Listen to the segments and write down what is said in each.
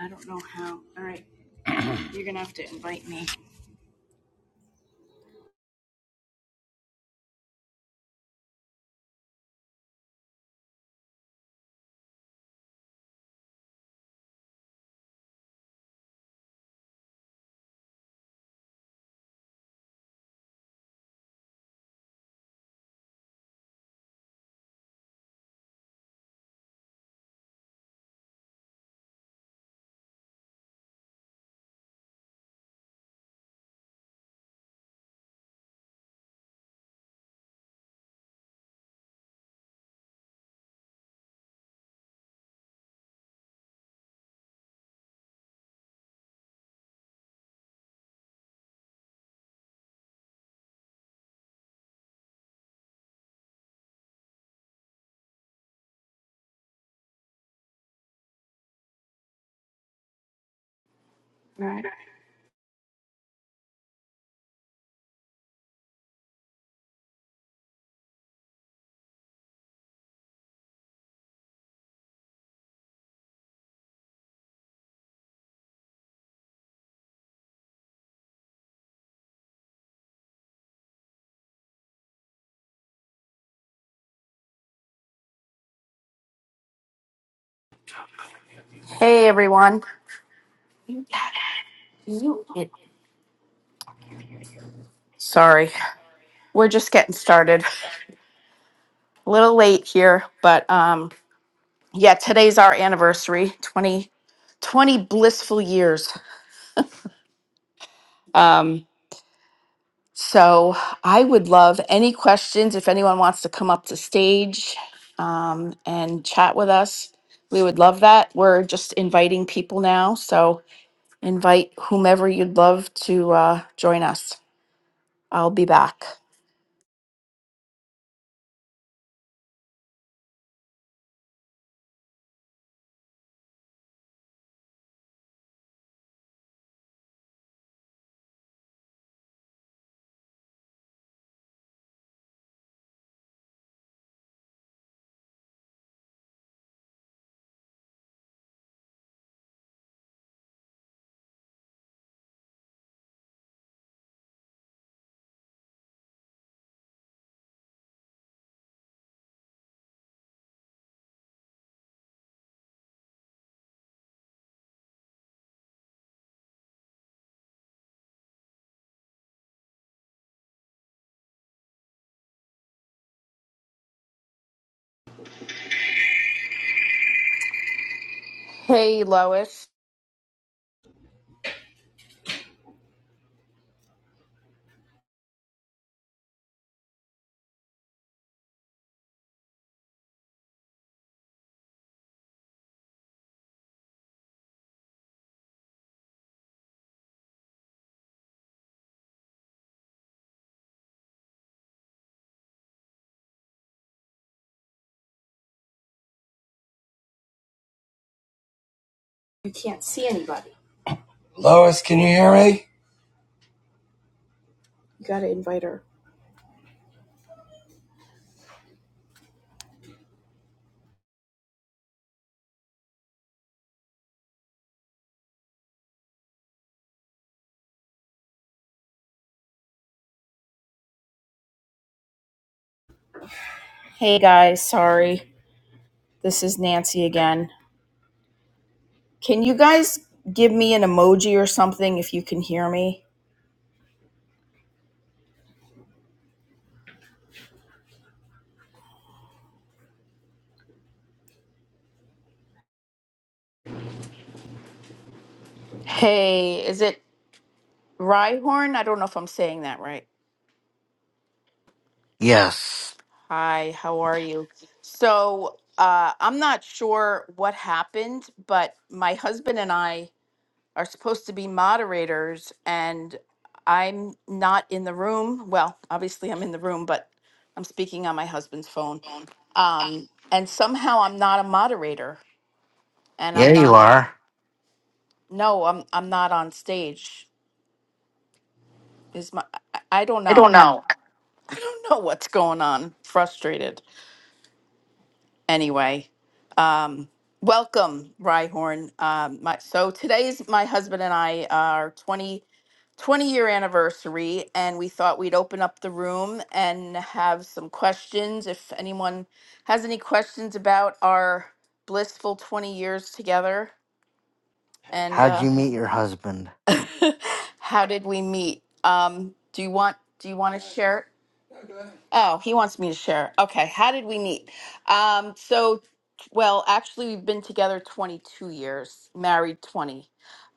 I don't know how. All right, you're gonna have to invite me. All right. Hey everyone. Sorry. We're just getting started. A little late here, but um yeah, today's our anniversary, 20 20 blissful years. Um so I would love any questions if anyone wants to come up to stage um and chat with us. We would love that. We're just inviting people now, so invite whomever you'd love to uh join us. I'll be back. Hey, Lois. You can't see anybody. Lois, can you hear me? You gotta invite her. Hey, guys. Sorry. This is Nancy again. Can you guys give me an emoji or something if you can hear me? Hey, is it Rhyhorn? I don't know if I'm saying that right. Yes. Hi, how are you? So, uh, I'm not sure what happened, but my husband and I. are supposed to be moderators and I'm not in the room. Well, obviously I'm in the room, but I'm speaking on my husband's phone. Um, and somehow I'm not a moderator and Yeah, I'm you not are. no, I'm I'm not on stage. Is my I I don't I know. don't I, know. I don't know what's going on. Frustrated. Anyway, welcome, Rhyhorn. Um my so today is my husband and I are 20 20 year anniversary and we thought we'd open up the room and have some questions if anyone has any questions about our blissful 20 years together and How'd uh, you meet your husband? how did we meet um, do you want do you want to share it Oh, he wants me to share. Okay, how did we meet? Um, so, well, actually, we've been together 22 years, married 20.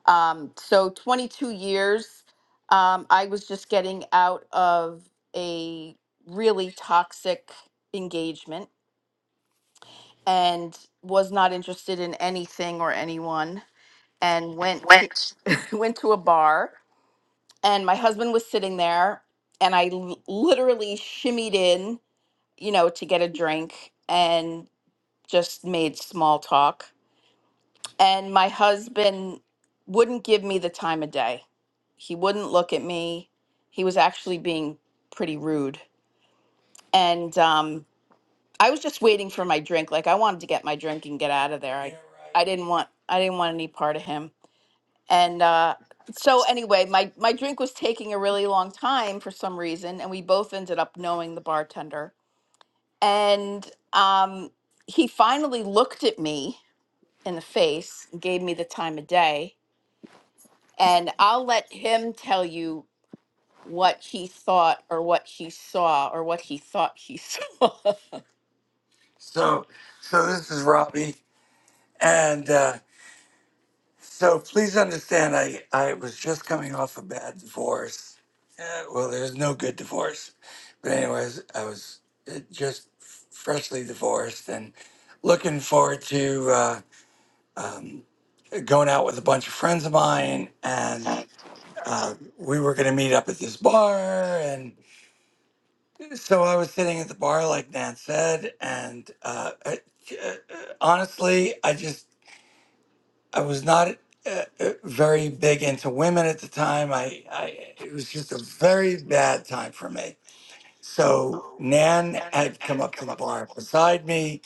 Um, so, 22 years, um, I was just getting out of a really toxic engagement and was not interested in anything or anyone, and went to Went. went to a bar, and my husband was sitting there, and I l- literally shimmied in you know, to get a drink and just made small talk. And my husband wouldn't give me the time of day. He wouldn't look at me. He was actually being pretty rude. And um, I was just waiting for my drink. Like I wanted to get my drink and get out of there. I, Yeah, right. I didn't want I didn't want any part of him. And uh, so anyway, my my drink was taking a really long time for some reason, and we both ended up knowing the bartender And um, he finally looked at me in the face and gave me the time of day. And I'll let him tell you what he thought or what he saw or what he thought he saw. So, so this is Robbie, and uh, so please understand, I I was just coming off a bad divorce. Uh, well, there's no good divorce, but anyways, I was uh, just freshly divorced and looking forward to. Uh, um, going out with a bunch of friends of mine, and uh, we were going to meet up at this bar. And so I was sitting at the bar, like Nan said, and uh, I, uh, honestly, I just I was not uh, uh, very big into women at the time. I, I it was just a very bad time for me. So Nan had come up to the bar beside me,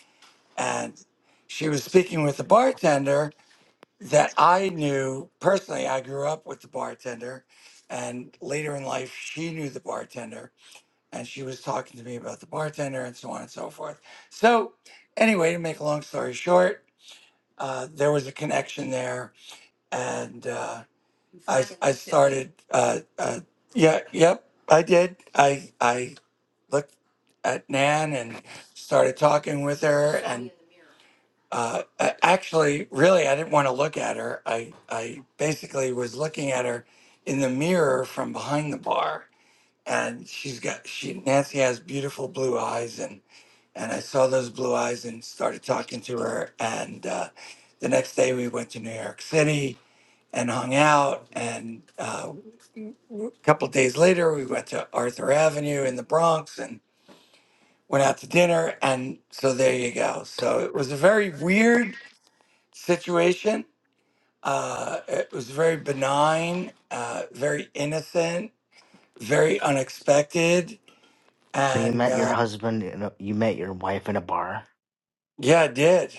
and she was speaking with the bartender that I knew personally. I grew up with the bartender, and later in life, she knew the bartender, and she was talking to me about the bartender and so on and so forth. So, anyway, to make a long story short, uh, there was a connection there, and uh, I, I started. Uh, uh, yeah, yep, I did. I I looked at Nan and started talking with her, and. Uh, a- actually, really, I didn't want to look at her. I, I basically was looking at her in the mirror from behind the bar, and she's got she Nancy has beautiful blue eyes, and and I saw those blue eyes and started talking to her. And uh, the next day, we went to New York City and hung out. And uh, a couple days later, we went to Arthur Avenue in the Bronx and went out to dinner. And so there you go. So it was a very weird situation Uh, it was very benign, uh, very innocent, very unexpected, So you and met your uh, husband in a, you met your wife in a bar. yeah, I did.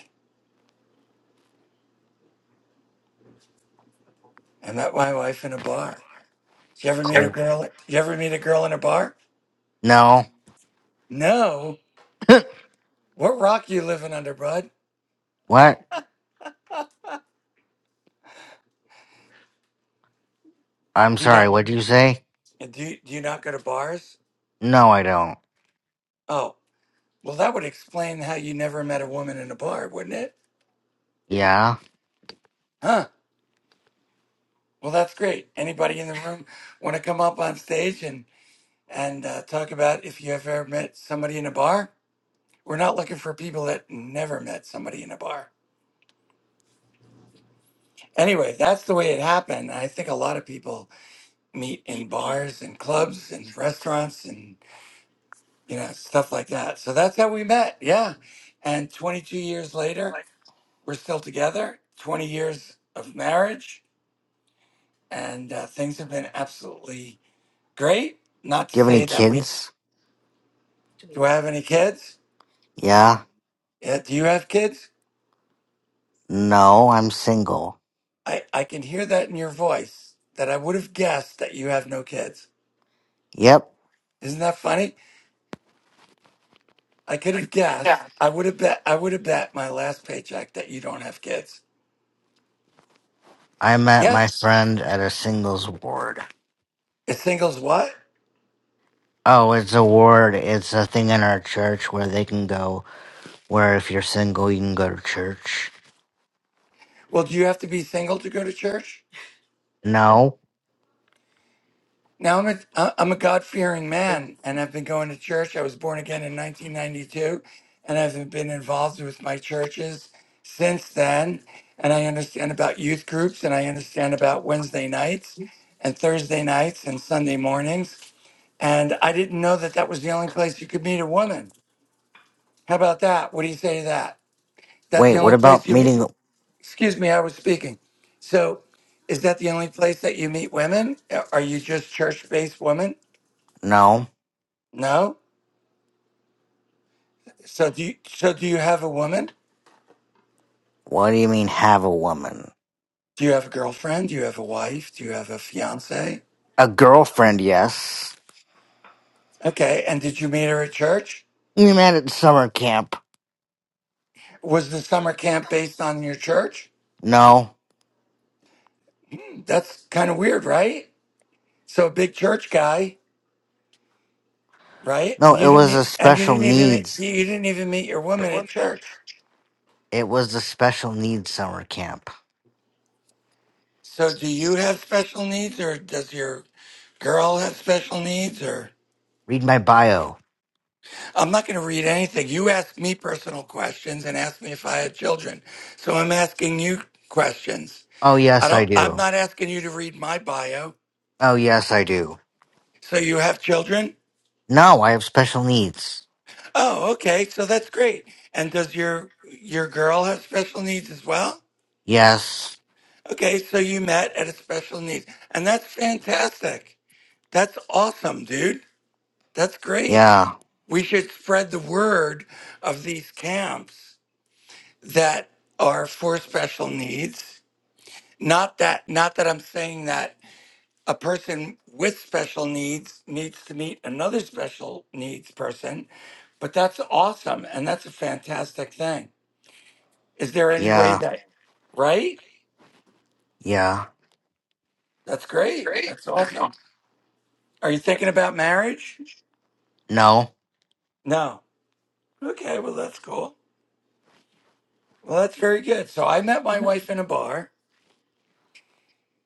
I met my wife in a bar. You ever meet Yep. a Cool. girl? You ever meet a girl in a bar? No. No. What rock you living under, bud? What? I'm Do you sorry. not What did you say? do you, do you not go to bars? No, I don't. Oh, well, that would explain how you never met a woman in a bar, wouldn't it? Yeah. Huh. Well, that's great. Anybody in the room want to come up on stage and and uh, talk about if you ever met somebody in a bar? We're not looking for people that never met somebody in a bar. Anyway, that's the way it happened. I think a lot of people meet Do you in bars and clubs and restaurants and you know stuff like that. So that's how we met. Yeah. And 22 years later, we're still together. 20 years of marriage and uh, things have been absolutely great. Not to have any say that we kids? do I have any kids? Yeah. Yeah, do you have kids? No, I'm single. I I can hear that in your voice that I would have guessed that you have no kids. Yep. Isn't that funny? I could have Yeah. guessed. I would have bet. I would have bet my last paycheck that you don't have kids. I met my Yes, friend at a singles ward. is singles what? Oh, it's a ward. It's a thing in our church where they can go where if you're single, you can go to church. Well, do you have to be single to go to church? No. Now I'm a I- I'm a God fearing man, and I've been going to church. I was born again in 1992, and I've been involved with my churches since then. And I understand about youth groups, and I understand about Wednesday nights, and Thursday nights, and Sunday mornings. And I didn't know that that was the only place you could meet a woman. How about that? What do you say to that? that Wait, the what only place about you meet? meeting? Excuse me, I was speaking. So, is that the only place that you meet women? Are you just church-based women? No. No. So do you, so do you have a woman? What do you mean have a woman? Do you have a girlfriend? Do you have a wife? Do you have a fiance? A girlfriend, yes. Okay, and did you meet her at church? You met at summer camp. Was the summer camp based on your church? No. That's kind of weird, right? So a big church guy, right? No, And you it didn't was e- a and you special didn't even meet, needs. you didn't even meet your woman at church. It was the special needs summer camp. So, do you have special needs, or does your girl have special needs? Or Read my bio. I'm not going to read anything. You ask me personal questions and ask me if I had children. So I'm asking you questions. Oh, I yes, I don't. I'm do. not asking you to read my bio. Oh, yes, I do. So you have children? No, I have special needs. Oh, okay. So that's great. And does your your girl have special needs as well? Yes. Okay, so you met at a special needs, and that's fantastic. That's awesome, dude. That's great. Yeah. We should spread the word of these camps that are for special needs. Not that not that I'm saying that a person with special needs needs to meet another special needs person, but that's awesome and that's a fantastic thing. Is there any way Yeah. that right? Yeah. That's great. That's awesome. Are you thinking about marriage? No. No. Okay, well that's cool. Well, that's very good. So I met my wife in a bar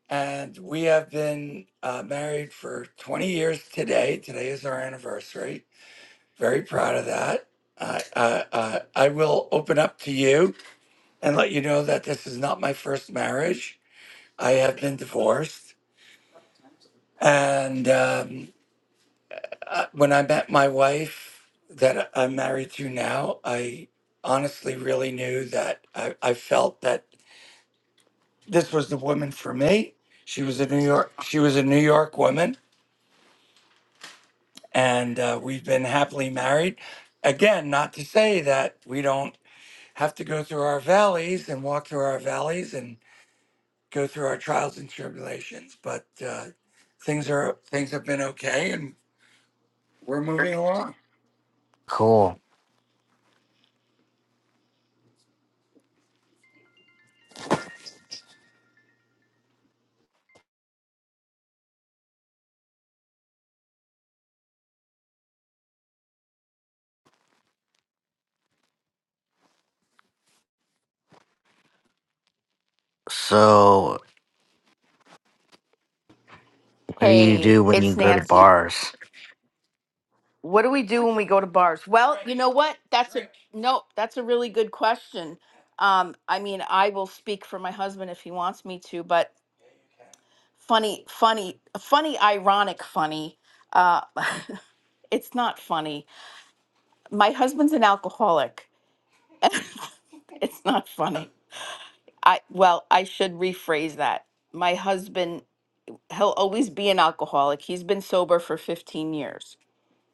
and we have been uh, married for 20 years today. Today is our anniversary. Very proud of that. I, I, I, I will open up to you and let you know that this is not my first marriage. I have been divorced. And um, uh, when I met my wife that I'm married to now, I honestly really knew that I, I felt that this was the woman for me. She was a New York. She was a New York woman and uh, we've been happily married. Again, not to say that we don't have to go through our valleys and walk through our valleys and go through our trials and tribulations, but uh, things are things have been okay, and we're moving along. Cool. So, What do you Hey, do when you it's go to Nancy. bars? What do we do when we go to bars? Well, you know what? That's a no, that's a really good question. Um, I mean, I will speak for my husband if he wants me to, but funny, funny, funny, ironic, funny. Uh, it's not funny. My husband's an alcoholic. It's not funny. I well, I should rephrase that. My husband, he'll always be an alcoholic. He's been sober for 15 years.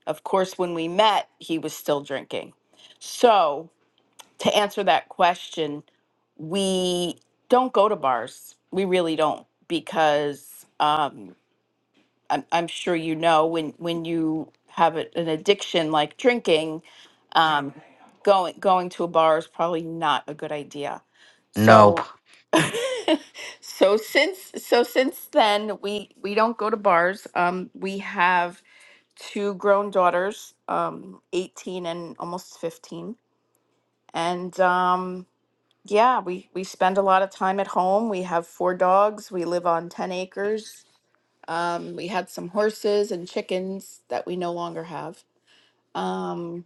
Of course, when we met, he was still drinking. So, to answer that question, we don't go to bars. We really don't because um I'm, I'm sure you know when when you have a- an addiction like drinking, um, going going to a bar is probably not a good idea. Nope. So so since so since then we we don't go to bars. Um, we have two grown daughters, um, 18 and almost 15, and um, yeah, we we spend a lot of time at home. We have four dogs. We live on 10 acres um, we had some horses and chickens that we no longer have. Um,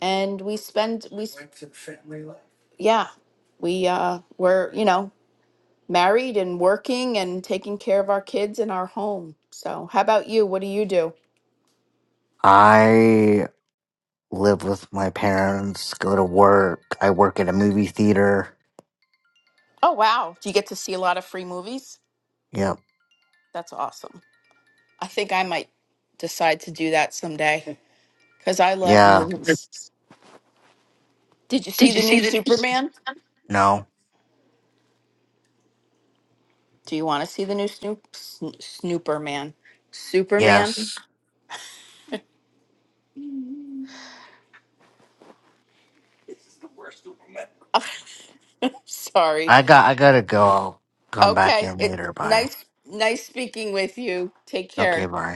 and we spend we s- yeah we uh, were you know married and working and taking care of our kids in our home. So how about you? What do you do? I live with my parents, go to work. I work at a movie theater. Oh wow, do you get to see a lot of free movies? Yep. That's awesome. I think I might decide to do that someday because I love Yeah. movies. Did you see the new Superman? No. Do you want to see the new Snoop Sn- Snooperman? Superman? Yes. This is the worst woman. I'm Sorry. I got I gotta go. I'll come back Okay. in It, later. Bye. nice, nice speaking with you. Take Okay, care. bye.